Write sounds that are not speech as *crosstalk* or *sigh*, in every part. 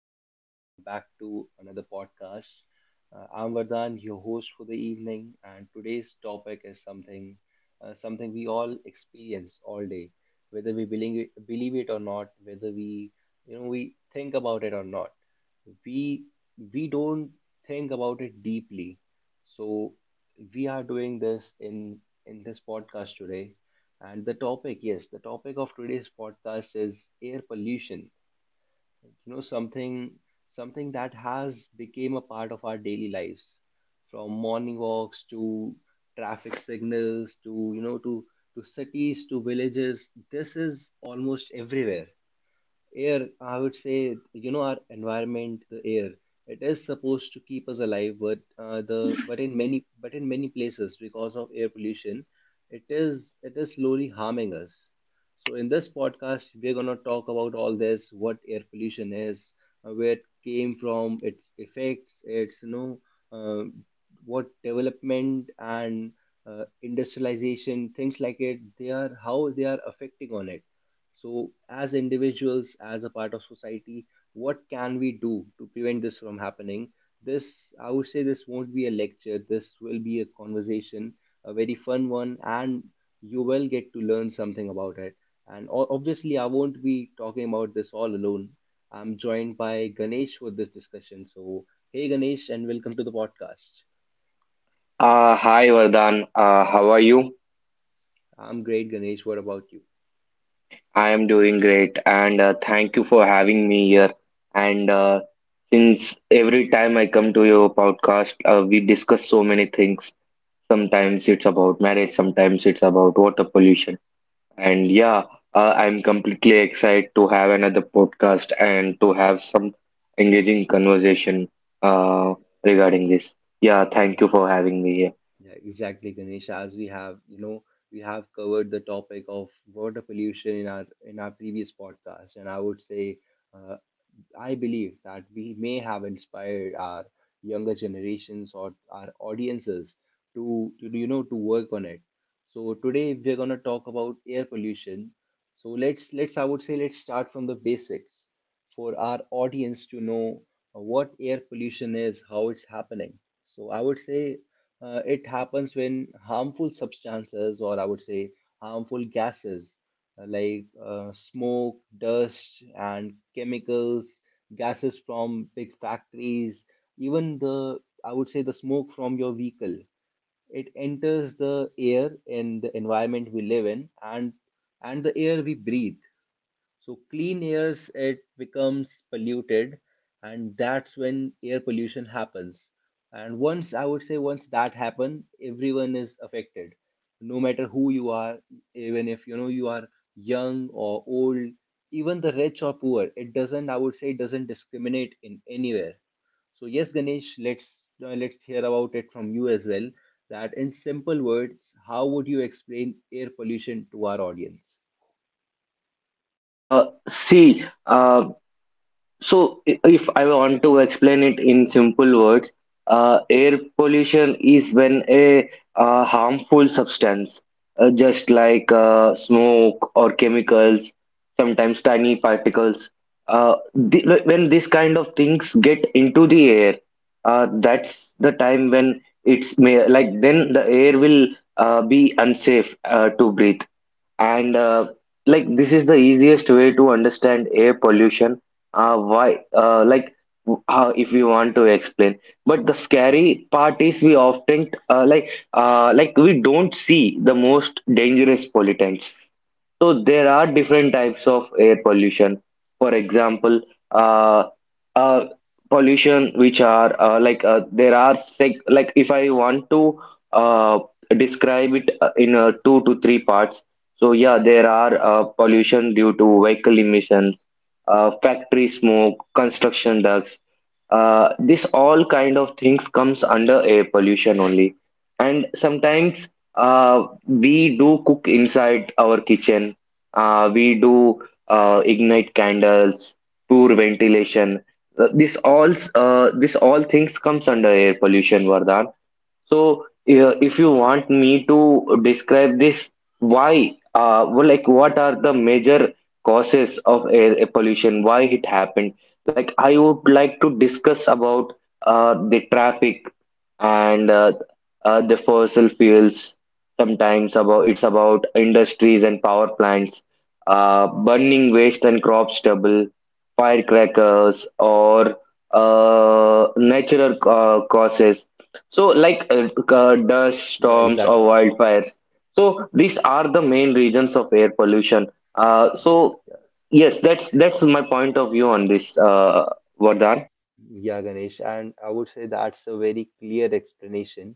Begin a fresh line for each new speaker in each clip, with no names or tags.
and welcome back to another podcast. I'm Vardhan, your host for the evening, and today's topic is something we all experience all day, whether we believe it or not, whether we we think about it or not. We we don't think about it deeply, so we are doing this in this podcast today. And the topic, yes, the topic of today's podcast is air pollution, you know something something that has became a part of our daily lives, from morning walks to traffic signals to cities to villages. This is almost everywhere. Air, I would say, our environment, the air, it is supposed to keep us alive, but the but in many places, because of air pollution, it is slowly harming us. So in this podcast we're going to talk about all this: what air pollution is, where it came from, its effects, its you know uh, what development and industrialization, things like it they are how they are affecting on it. So, as individuals, as a part of society, what can we do to prevent this from happening? This, I would say, this won't be a lecture. This will be a conversation, a very fun one, and you will get to learn something about it. And obviously, I won't be talking about this all alone. I'm joined by Ganesh for this discussion. So, hey, Ganesh, and welcome to the podcast.
Hi Vardhan, how are you?
I'm great, Ganesh. What about you?
I am doing great, and thank you for having me here. And since every time I come to your podcast, we discuss so many things. Sometimes it's about marriage, sometimes it's about water pollution. And yeah, I'm completely excited to have another podcast and to have some engaging conversation
Yeah,
uh, regarding this. Yeah,
yeah.
thank you for having me here.
Yeah, exactly, Ganesha. As we have, we have covered the topic of water pollution in our previous podcast, and I would say uh, I believe that we may have inspired our younger generations or our audiences to you know to work on it. So today we're gonna talk about air pollution. So let's, I would say, let's start from the basics for our audience to know what air pollution is, how it's happening. So I would say it happens when harmful substances, or I would say harmful gases, like smoke, dust, and chemicals, gases from big factories, even I would say, the smoke from your vehicle. It enters the air in the environment we live in and the air we breathe. So clean airs, it becomes polluted, and that's when air pollution happens. And once, I would say, once that happen, everyone is affected, no matter who you are, even if you are young or old, even the rich or poor. It doesn't, I would say, it doesn't discriminate in anywhere. So yes, Ganesh, let's hear about it from you as well. That, in simple words, how would you explain air pollution to our audience?
See. So, if I want to explain it in simple words, air pollution is when a harmful substance, just like smoke or chemicals, sometimes tiny particles, uh, th when this kind of things get into the air, that's the time when it's may like then the air will be unsafe to breathe, and this is the easiest way to understand air pollution, why how if we want to explain. But the scary part is we often we don't see the most dangerous pollutants, so there are different types of air pollution. For example, uh, uh, pollution which are there are sec like if I want to uh, describe it in two to three parts. So yeah, there are pollution due to vehicle emissions, factory smoke, construction ducts. This all kind of things comes under air pollution only, and sometimes we do cook inside our kitchen, we do ignite candles, poor ventilation. This all things comes under air pollution, Vardhan. So, if you
Yeah,
want me to describe this, why, well, like, what are the major causes of air pollution? Why it happened? Like, I would like to discuss about the traffic, and the fossil fuels. Sometimes about it's about industries and power plants, burning waste and crop stubble, firecrackers, or natural causes, so, like, dust
yeah,
storms or
exactly.
wildfires. So these are the main reasons of air pollution. Uh,
Yeah,
so
yeah,
yes, that's my point of view on this, Vardhan.
yeah, Ganesh. And I would say that's a very clear explanation.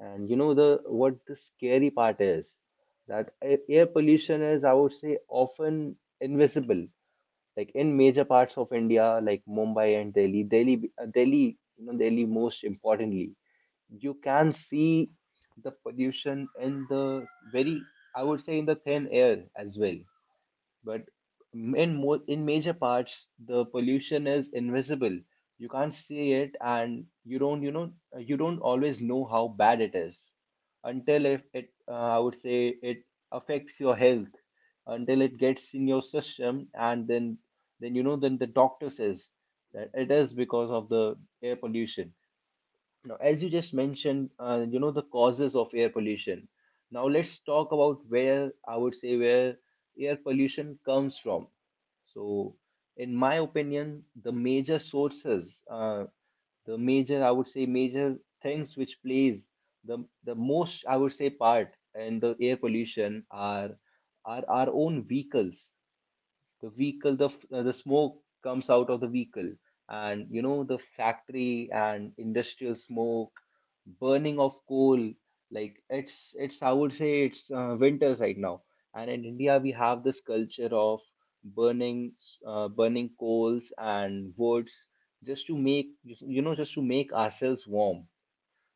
And the what the scary part is that air pollution is, I would say, often invisible. Like in major parts of India, like Mumbai and Delhi, Delhi most importantly, you can see the pollution in the very, I would say, in the thin air as well. But in major parts the pollution is invisible. You can't see it, and you don't, you don't always know how bad it is until, if it, I would say, it affects your health, until it gets in your system, and then, then the doctor says that it is because of the air pollution. Now, as you just mentioned, the causes of air pollution. Now, let's talk about where, I would say, where air pollution comes from. So, in my opinion, the major sources, I would say, major things which plays the most, I would say, part in the air pollution are our own vehicles, the smoke comes out of the vehicle, and the factory and industrial smoke, burning of coal. Like it's, I would say, it's winters right now, and in india we have this culture of burning burning coals and woods just to make, just to make ourselves warm.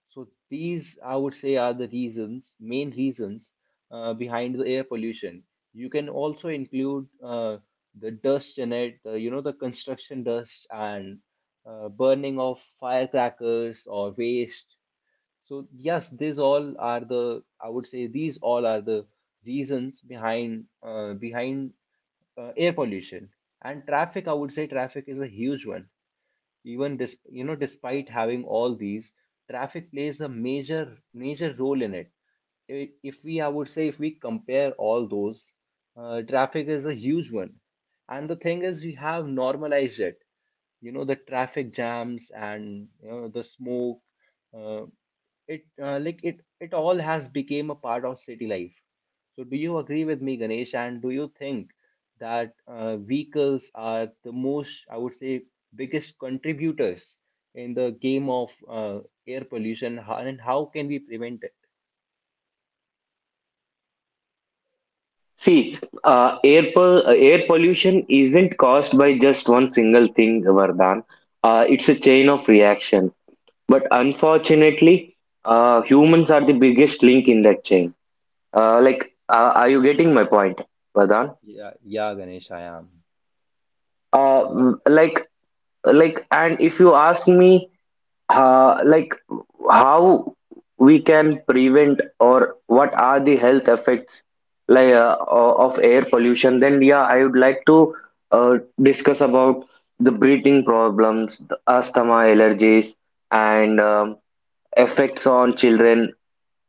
So these, I would say, are the reasons, main reasons behind the air pollution. You can also include the dust in it, the, the construction dust and burning of firecrackers or waste. So yes, these all are the, I would say, these all are the reasons behind air pollution. And traffic, I would say, traffic is a huge one. Even this, despite having all these, traffic plays a major major role in it. If we, I would say, if we compare all those, traffic is a huge one, and the thing is we have normalized it, the traffic jams and the smoke. Uh, it uh, like it it all has become a part of city life. So, do you agree with me, Ganesh? And do you think that vehicles are the most, I would say, biggest contributors in the game of air pollution? How, and how can we prevent it?
See, air pollution isn't caused by just one single thing, Vardhan. It's a chain of reactions. But unfortunately, humans are the biggest link in that chain. Like, are you getting my point, Vardhan?
Yeah, yeah, Ganesh, I am. So, what?
Uh, like and if you ask me, uh, like how we can prevent or what are the health effects, of air pollution, then yeah, I would like to discuss about the breathing problems, the asthma, allergies, and effects on children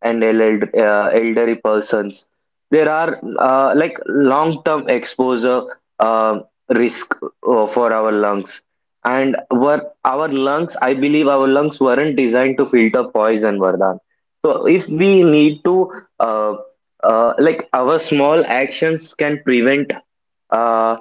and elderly persons. There are long term exposure uh, risk for our lungs. And I believe our lungs weren't designed to filter poison, Vardhan. So if we need to, uh, our small actions can prevent, uh,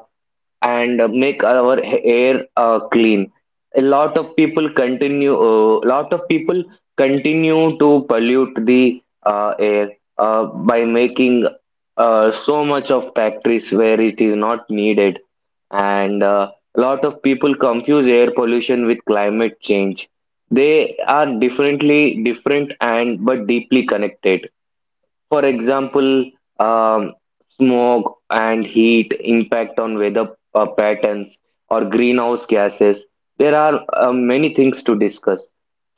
and make our air clean. A lot of people continue. Lot of people continue to pollute the air by making so much of factories where it is not needed, and a lot of people confuse air pollution with climate change. They are differently different and but deeply connected. For example, um, smoke and heat impact on weather patterns or greenhouse gases. There are many things to discuss.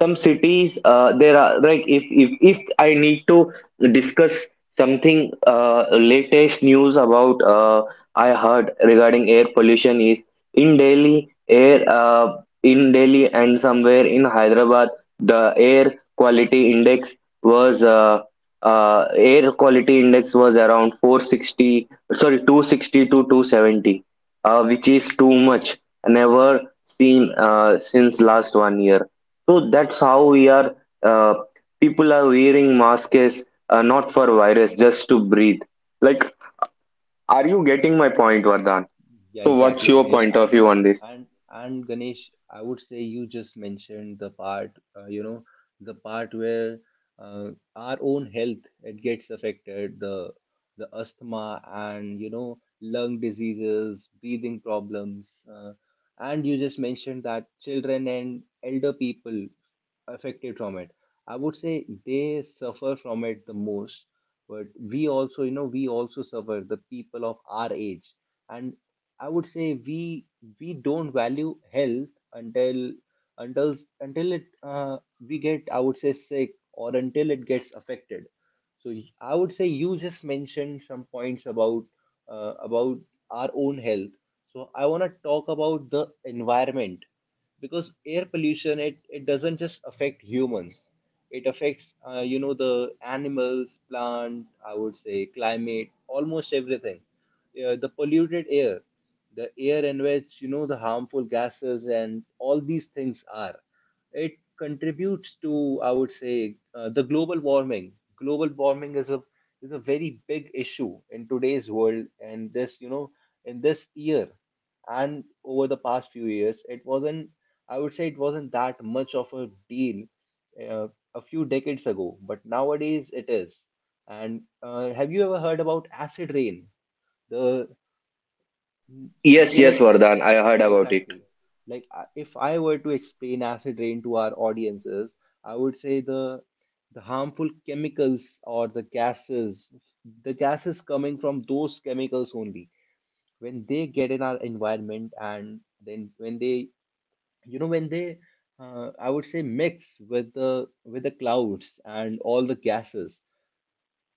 Some cities, there are, like, if I need to discuss something, latest news about, I heard regarding air pollution is in Delhi and somewhere in Hyderabad, the air quality index was around 460, sorry, 260 to 270, which is too much, never seen since last one year. So that's how we are, uh, people are wearing masks, not for virus, just to breathe. Like, are you getting my point, Vardhan?
Yeah,
So what's
exactly,
your
Ganesh.
point of
And
view on this?
Ganesh, I would say you just mentioned the part, the part where our own health it gets affected, the asthma and, lung diseases, breathing problems, and you just mentioned that children and elder people affected from it. I would say they suffer from it the most. But we also, we also suffer, the people of our age. And I would say we don't value health until, until until it we get, I would say, sick, or until it gets affected. So, I would say you just mentioned some points about, about our own health. So I want to talk about the environment, because air pollution, it doesn't just affect humans. It affects, the animals, plant, I would say climate, almost everything. The polluted air, the air in which, the harmful gases and all these things are, it contributes to, I would say, the global warming. Global warming is a, is a very big issue in today's world, and this, in this year and over the past few years, it wasn't, I would say, it wasn't that much of a deal uh, a few decades ago, but nowadays it is. And have you ever heard about acid rain? The
Yes,
yeah,
yes,
like
Vardhan, I heard
yeah,
about it.
Exactly. Like if I were to explain acid rain to our audiences, I would say the harmful chemicals or the gases coming from those chemicals only, when they get in our environment, and then when they, when they, I would say, mix with the clouds and all the gases,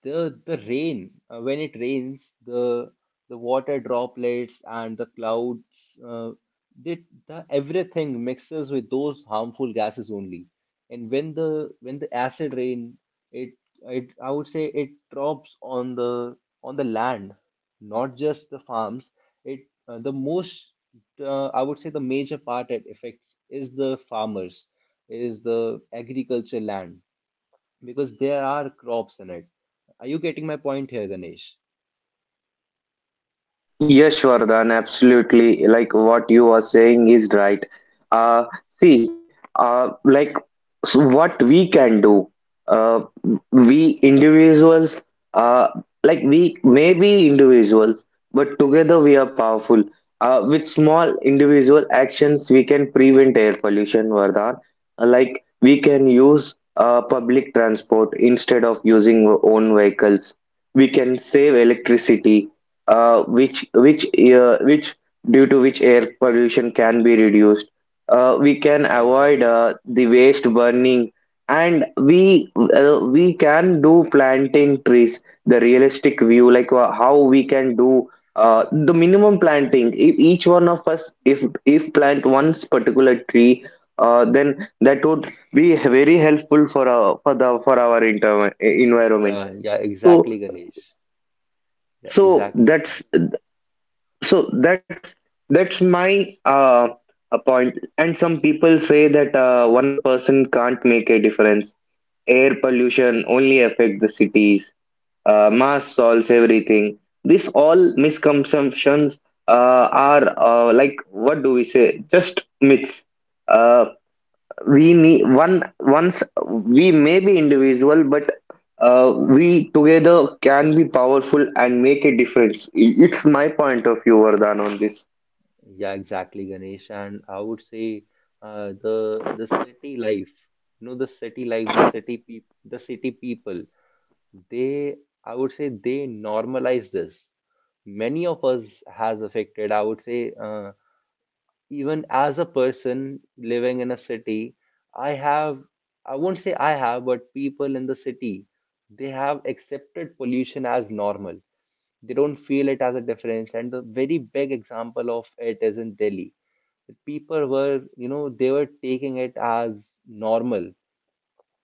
the rain, when it rains, the water droplets and the clouds, they, the everything mixes with those harmful gases only. And when the acid rain, it it, I would say, it drops on the land, not just the farms, it, the most I would say, the major part it affects is the farmers, is the agriculture land, because there are crops in it. Are you getting my point here, Ganesh?
Yes, Vardhan, absolutely. Like what you are saying is right. Uh, see, like So what we can do, uh, we individuals, uh, we may be individuals, but together we are powerful. With small individual actions, we can prevent air pollution, Vardhan. Like, we can use public transport instead of using our own vehicles. We can save
Yeah,
electricity, uh, which which which, due to which air pollution can be reduced. We can
yeah,
avoid
exactly.
the waste burning, and we can do planting trees. The realistic view, like, how we can do the minimum planting. If each one of us, if plant one particular tree. Then that would be very helpful for our for the for our inter- environment.
Yeah, yeah,
So
exactly, Ganesh. Yeah,
so
exactly. And
so that's that's my a point. And some people say that one person can't make a difference, air pollution only affect the cities, mass solves everything, this all misconceptions, are, what do we say, just myths. Uh, we need one once We may be individual, but we together can be powerful and make a difference. It's my point of view, Vardhan, on this.
yeah, exactly, Ganesh. And I would say the city life, the city life, the city people, they, I would say, they normalize this. Many of us has affected. I would say, even as a person living in a city, I have, I won't say I have, but people in the city, they have accepted pollution as normal. They don't feel it as a difference. And the very big example of it is in Delhi. The people were, they were taking it as normal.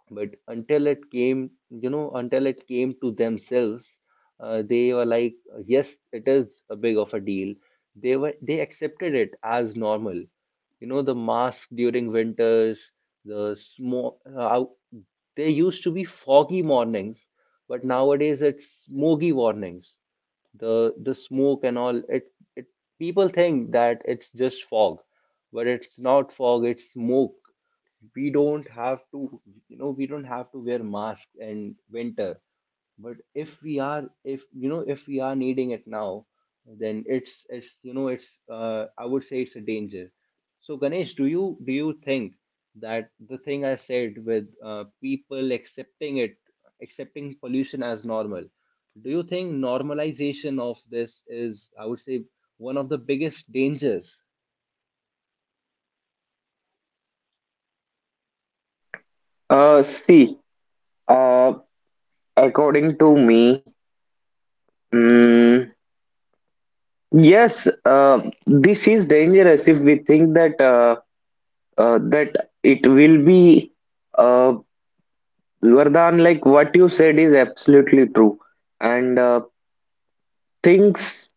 But until it came, until it came to themselves, they were like, yes, it is a big of a deal. They accepted it as normal, you know, the mask during winters, the smoke there used to be foggy mornings, but nowadays it's smoky mornings. The the smoke and all it, people think that it's just fog, but it's not fog, it's smoke. we don't have to we don't have to wear masks in winter, but if we are needing it now, then it's you know it's I would say it's a danger. So Ganesh, do you think that the thing I said with, people accepting it, accepting pollution as normal, do you think normalization of this is, I would say, one of the biggest dangers?
See, uh according to me, mm, yes, this is dangerous if we think that, uh, that it will be uh Vardhan, like what you said is absolutely true. And things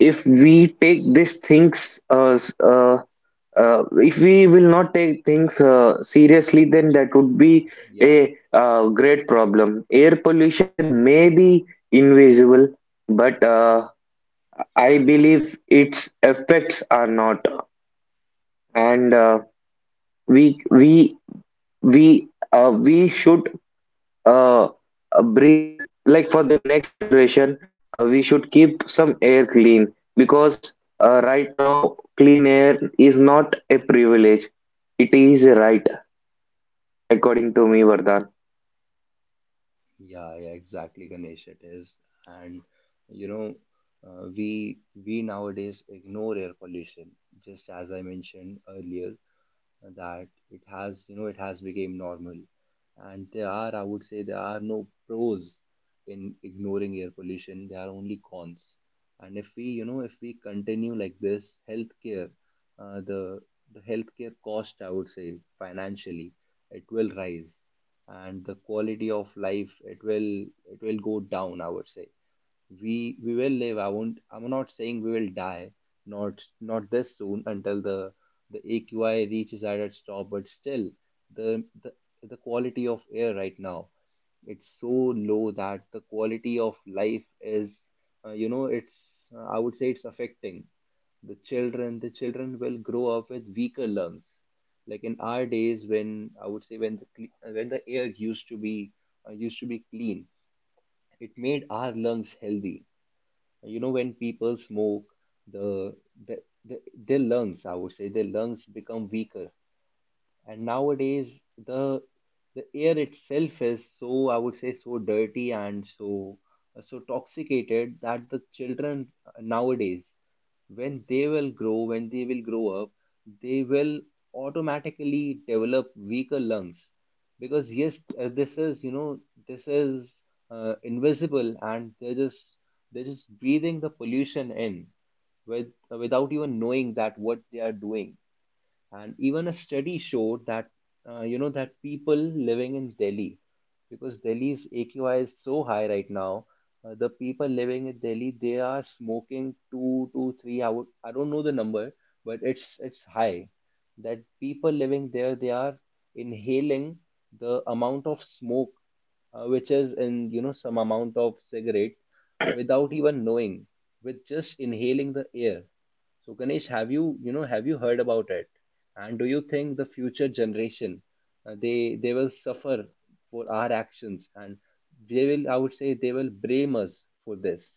if we take these things, if we will not take things seriously, then that would be a
yeah
great problem. Air pollution may be invisible, but I believe its effects are not. And we we we we should uh, breathe, like, for the next generation we should keep some air clean. Because right now, clean air is not a privilege, it is a right, according to me, Vardhan.
Yeah, yeah, exactly, Ganesh. It is, and you know, we nowadays ignore air pollution, just as I mentioned earlier that it has, it has become normal. And there are, I would say, there are no pros in ignoring air pollution, there are only cons. And if we you know if we continue like this, healthcare, uh, the the healthcare cost, I would say financially, it will rise. And the quality of life, it will go down. I would say we will live. I'm not saying we will die, not this soon, until the AQI reaches right at its top. But still, the the, the quality of air right now, it's so low that the quality of life is, you know it's I would say it's affecting the children. The children will grow up with weaker lungs, like in our days when, I would say, when the air used to be, used to be clean, it made our lungs healthy. You know, when people smoke, the, the, the their lungs, I would say their lungs become weaker. And nowadays, the the air itself is so, I would say, so dirty and so toxicated that the children nowadays, when they will grow, when they will grow up, they will automatically develop weaker lungs. Because yes, this is, invisible, and they're just breathing the pollution in with, without even knowing that what they are doing. And even a study showed that, that people living in Delhi, because Delhi's AQI is so high right now. The people living in Delhi, they are smoking two to three. I would, I don't know the number, but it's high. That people living there, they are inhaling the amount of smoke, which is in, some amount of cigarette, without even knowing, with just inhaling the air. So Ganesh, have you heard about it? And do you think the future generation, they will suffer for our actions, and they will, I would say, they will blame us for this?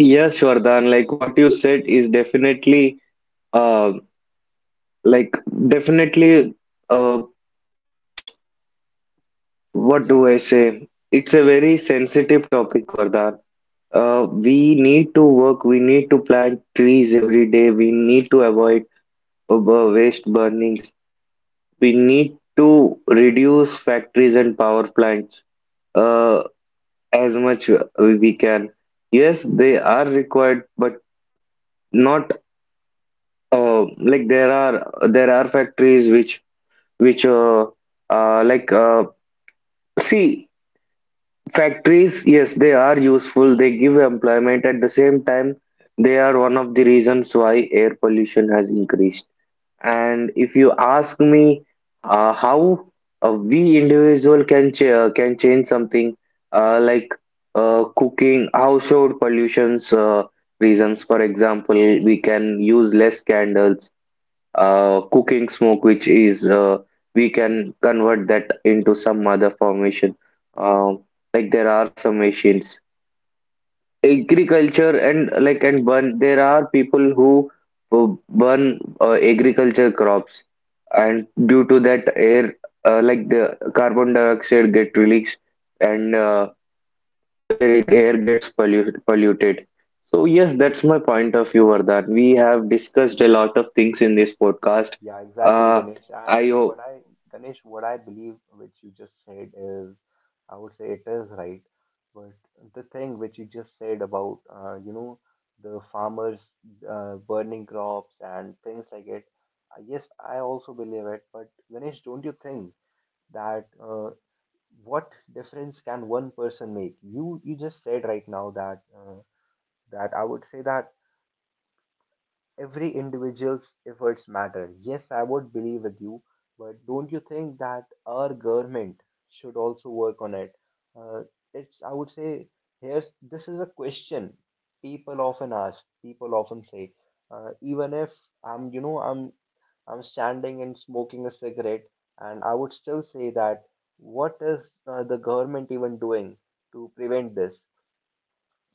Yes, Vardhan, like what you said is definitely, uh, like definitely, uh, what do
Yeah,
I
Ganesh.
say, it's a very sensitive topic, Vardhan. We need to work, we need to plant trees every day, we need to avoid uh, waste burning. We need to reduce factories and power plants uh, as much we can. Yes, they are required, but not. Like, there are factories which like see, factories. Yes, they are useful. They give employment. At the same time, they are one of the reasons why air pollution has increased. And if you ask me how we individual can change something, uh, like cooking, household pollutions, reasons. For example, we can use less candles, cooking smoke, which is we can convert that into some other formation. Um there are some machines. Agriculture and like and burn There are people who burn agriculture crops, and due to that air, the carbon dioxide get released, and air gets polluted. So yes, that's my point of view, Vardhan. We have discussed a lot of things in this podcast.
Yeah, exactly,
uh,
Ganesh.
I
And what
hope.
I, Ganesh, what I believe, which you just said, is, I would say, it is right. But the thing which you just said about, the farmers burning crops and things like it, yes, I also believe it. But Ganesh, don't you think that, what difference can one person make? You just said right now that, I would say that every individual's efforts matter. Yes, I would believe with you, but don't you think that our government should also work on it? Uh, I would say, here's this is a question people often ask. People often say, even if I'm, you know, I'm standing and smoking a cigarette, and I would still say that what is, the government even doing to prevent this?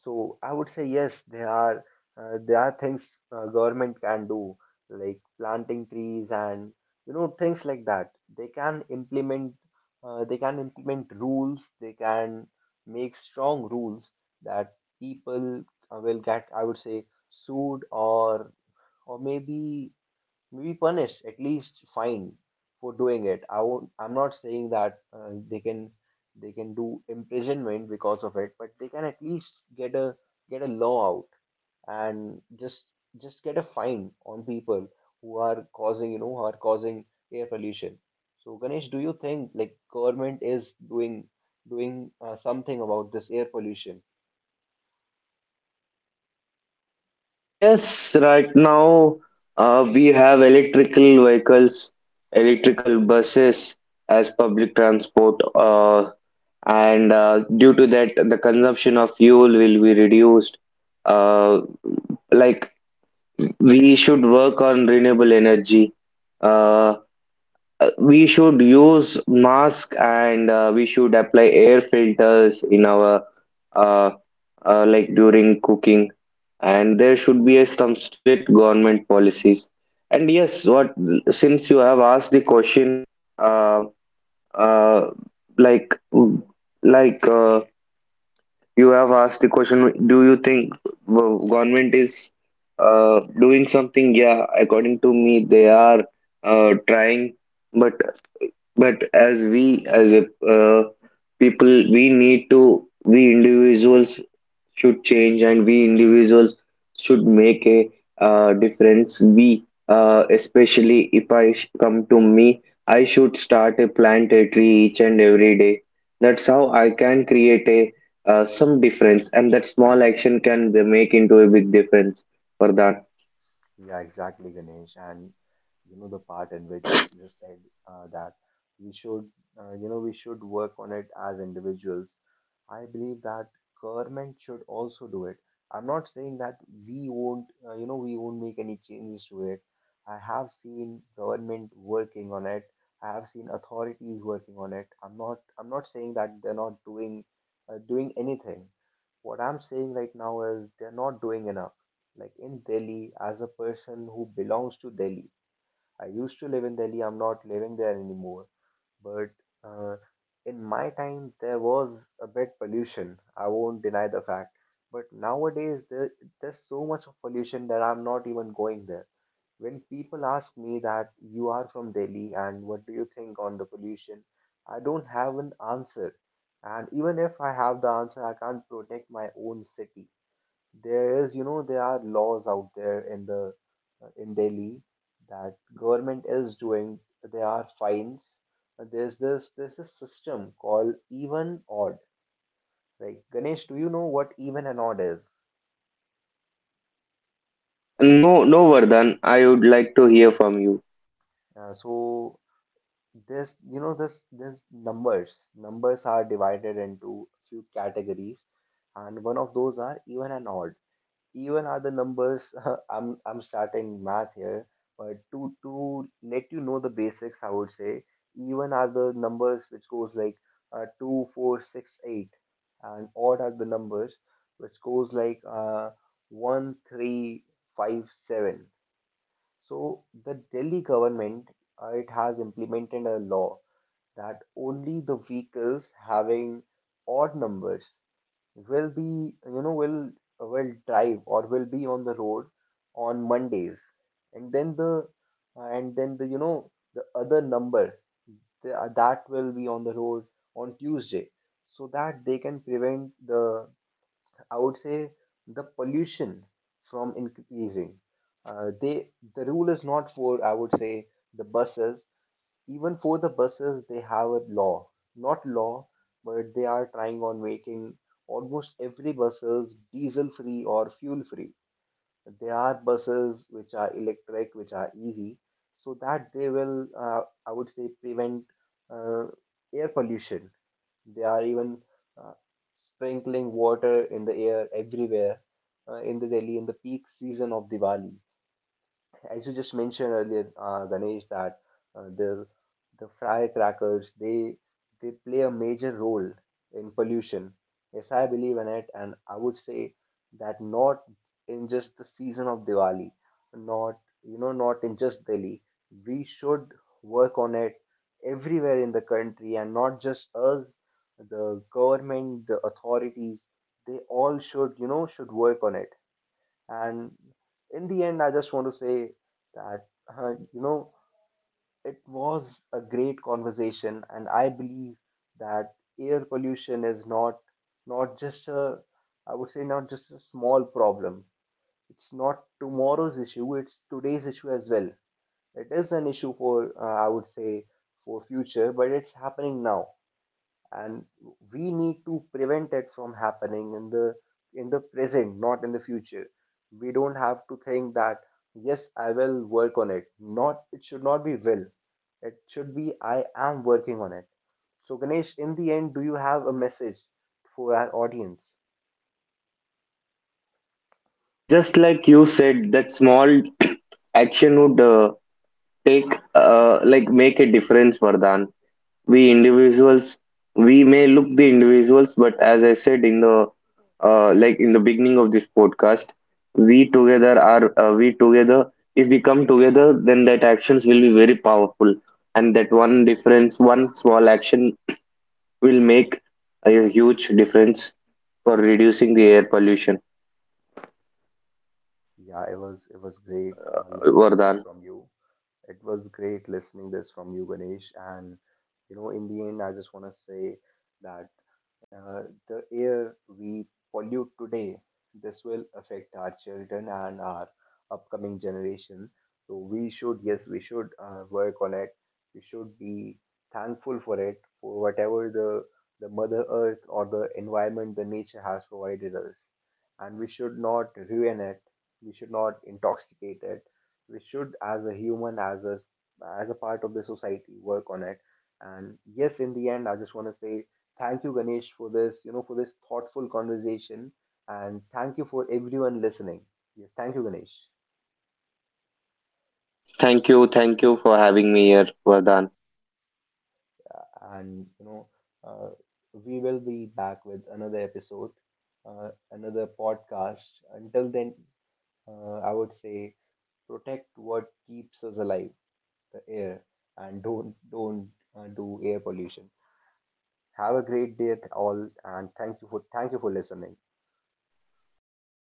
So I would say yes, there are, there are things, government can do, like planting trees and, things like that. They can implement, they can implement rules. They can make strong rules that people, will get, I would say, sued or, maybe be punished, at least fined for doing it. I'm not saying that, they can do imprisonment because of it, but they can at least get a law out and just get a fine on people who are causing, who are causing air pollution. So Ganesh, do you think like government is doing, something about this air pollution?
Yes, right now we have electrical vehicles, electrical buses as public transport, and due to that, the consumption of fuel will be reduced. Uh, like we should work on renewable energy. Uh, we should use mask, and we should apply air filters in our, uh, during cooking, and there should be some strict government policies. And yes, what since you have asked the question, uh, uh, like like uh, you have asked the question, do you think government is doing something? Yeah, according to me, they are trying, but as we, as a people, we need to, we individuals should change, and we individuals should make a difference. We, especially, if I sh- come to me, I should start a plant a tree each and every day. That's how I can create a some difference, and that small action make into a big difference. Vardhan.
Yeah, exactly, Ganesh. And you know the part in which you just said, that we should, we should work on it as individuals. I believe that government should also do it. I'm not saying that we won't, we won't make any changes to it. I have seen government working on it. I have seen authorities working on it. I'm not saying that they're not doing, doing anything. What I'm saying right now is they're not doing enough. Like in Delhi, as a person who belongs to Delhi, I used to live in Delhi. I'm not living there anymore. But, uh, in my time, there was a bit pollution. I won't deny the fact. But nowadays, there's so much of pollution that I'm not even going there. When people ask me that you are from Delhi and what do you think on the pollution, I don't have an answer. And even if I have the answer, I can't protect my own city. There is, there are laws out there in the, in Delhi that government is doing. There are fines. There's this system called even odd. Like Ganesh, do you know what even and odd is?
No, no, Vardhan. I would like to hear from you.
So this, this numbers, numbers are divided into few categories, and one of those are even and odd. Even are the numbers *laughs* I'm starting math here, but to let you know the basics, I would say even are the numbers which goes like, 2 4, 6, 8, and odd are the numbers which goes like, 1 3, 5, 7. So the Delhi government, it has implemented a law that only the vehicles having odd numbers will be, you know will will drive or will be on the road on Mondays. And then the, and then the, the other number, that will be on the road on Tuesday, so that they can prevent the, I would say, the pollution from increasing. uh, they the rule is not for, I would say, the buses. Even for the buses, they have a law. Not law, but they are trying on making almost every buses diesel free or fuel free. There are buses which are electric, which are EV, so that they will, I would say, prevent, uh, air pollution. They are even, uh, sprinkling water in the air everywhere, in the Delhi in the peak season of Diwali, as you just mentioned earlier, Ganesh, that, uh, the the firecrackers, they play a major role in pollution. Yes, I believe in it, and I would say that not in just the season of Diwali, not, not in just Delhi. We should work on it everywhere in the country, and not just us, the government, the authorities. They all should, should work on it. And in the end, I just want to say that, uh, you know it was a great conversation, and I believe that air pollution is not, not just a, I would say, not just a small problem. It's not tomorrow's issue, it's today's issue as well. It is an issue for, I would say, for future, but it's happening now. And we need to prevent it from happening in the, in the present, not in the future. We don't have to think that yes, I will work on it. Not, it should not be will, it should be I am working on it. So Ganesh, in the end, do you have a message for our audience?
Like, just like you said, that small *coughs* *clears throat* action would take like make a difference, Vardhan. We individuals, we may look the individuals, but as I said in the, in the beginning of this podcast, we together, if we come together, then that actions will be very powerful. And that one difference, one small action, will make a huge difference for reducing the air pollution,
Yeah It was, it was great, listening this
Vardhan.
from you. It was great listening this from you, Ganesh. And, in the end, I just want to say that, uh, the air we pollute today, this will affect our children and our upcoming generation. So we should, yes, we should, work on it. We should be thankful for it, for whatever the Mother Earth or the environment, the nature has provided us, and we should not ruin it. We should not intoxicate it. We should, as a human, as a, as a part of the society, work on it. And yes, in the end, I just want to say thank you, Ganesh, for this, for this thoughtful conversation. And thank you for everyone listening. Yes, thank you, Ganesh.
Thank you. Thank you for having me here, Vardhan.
And you know, uh, we will be back with another episode, another podcast. Until then, I would say, protect what keeps us alive, the air. And don't do air pollution. Have a great day at all, and thank you for, thank you for listening.
Bye bye,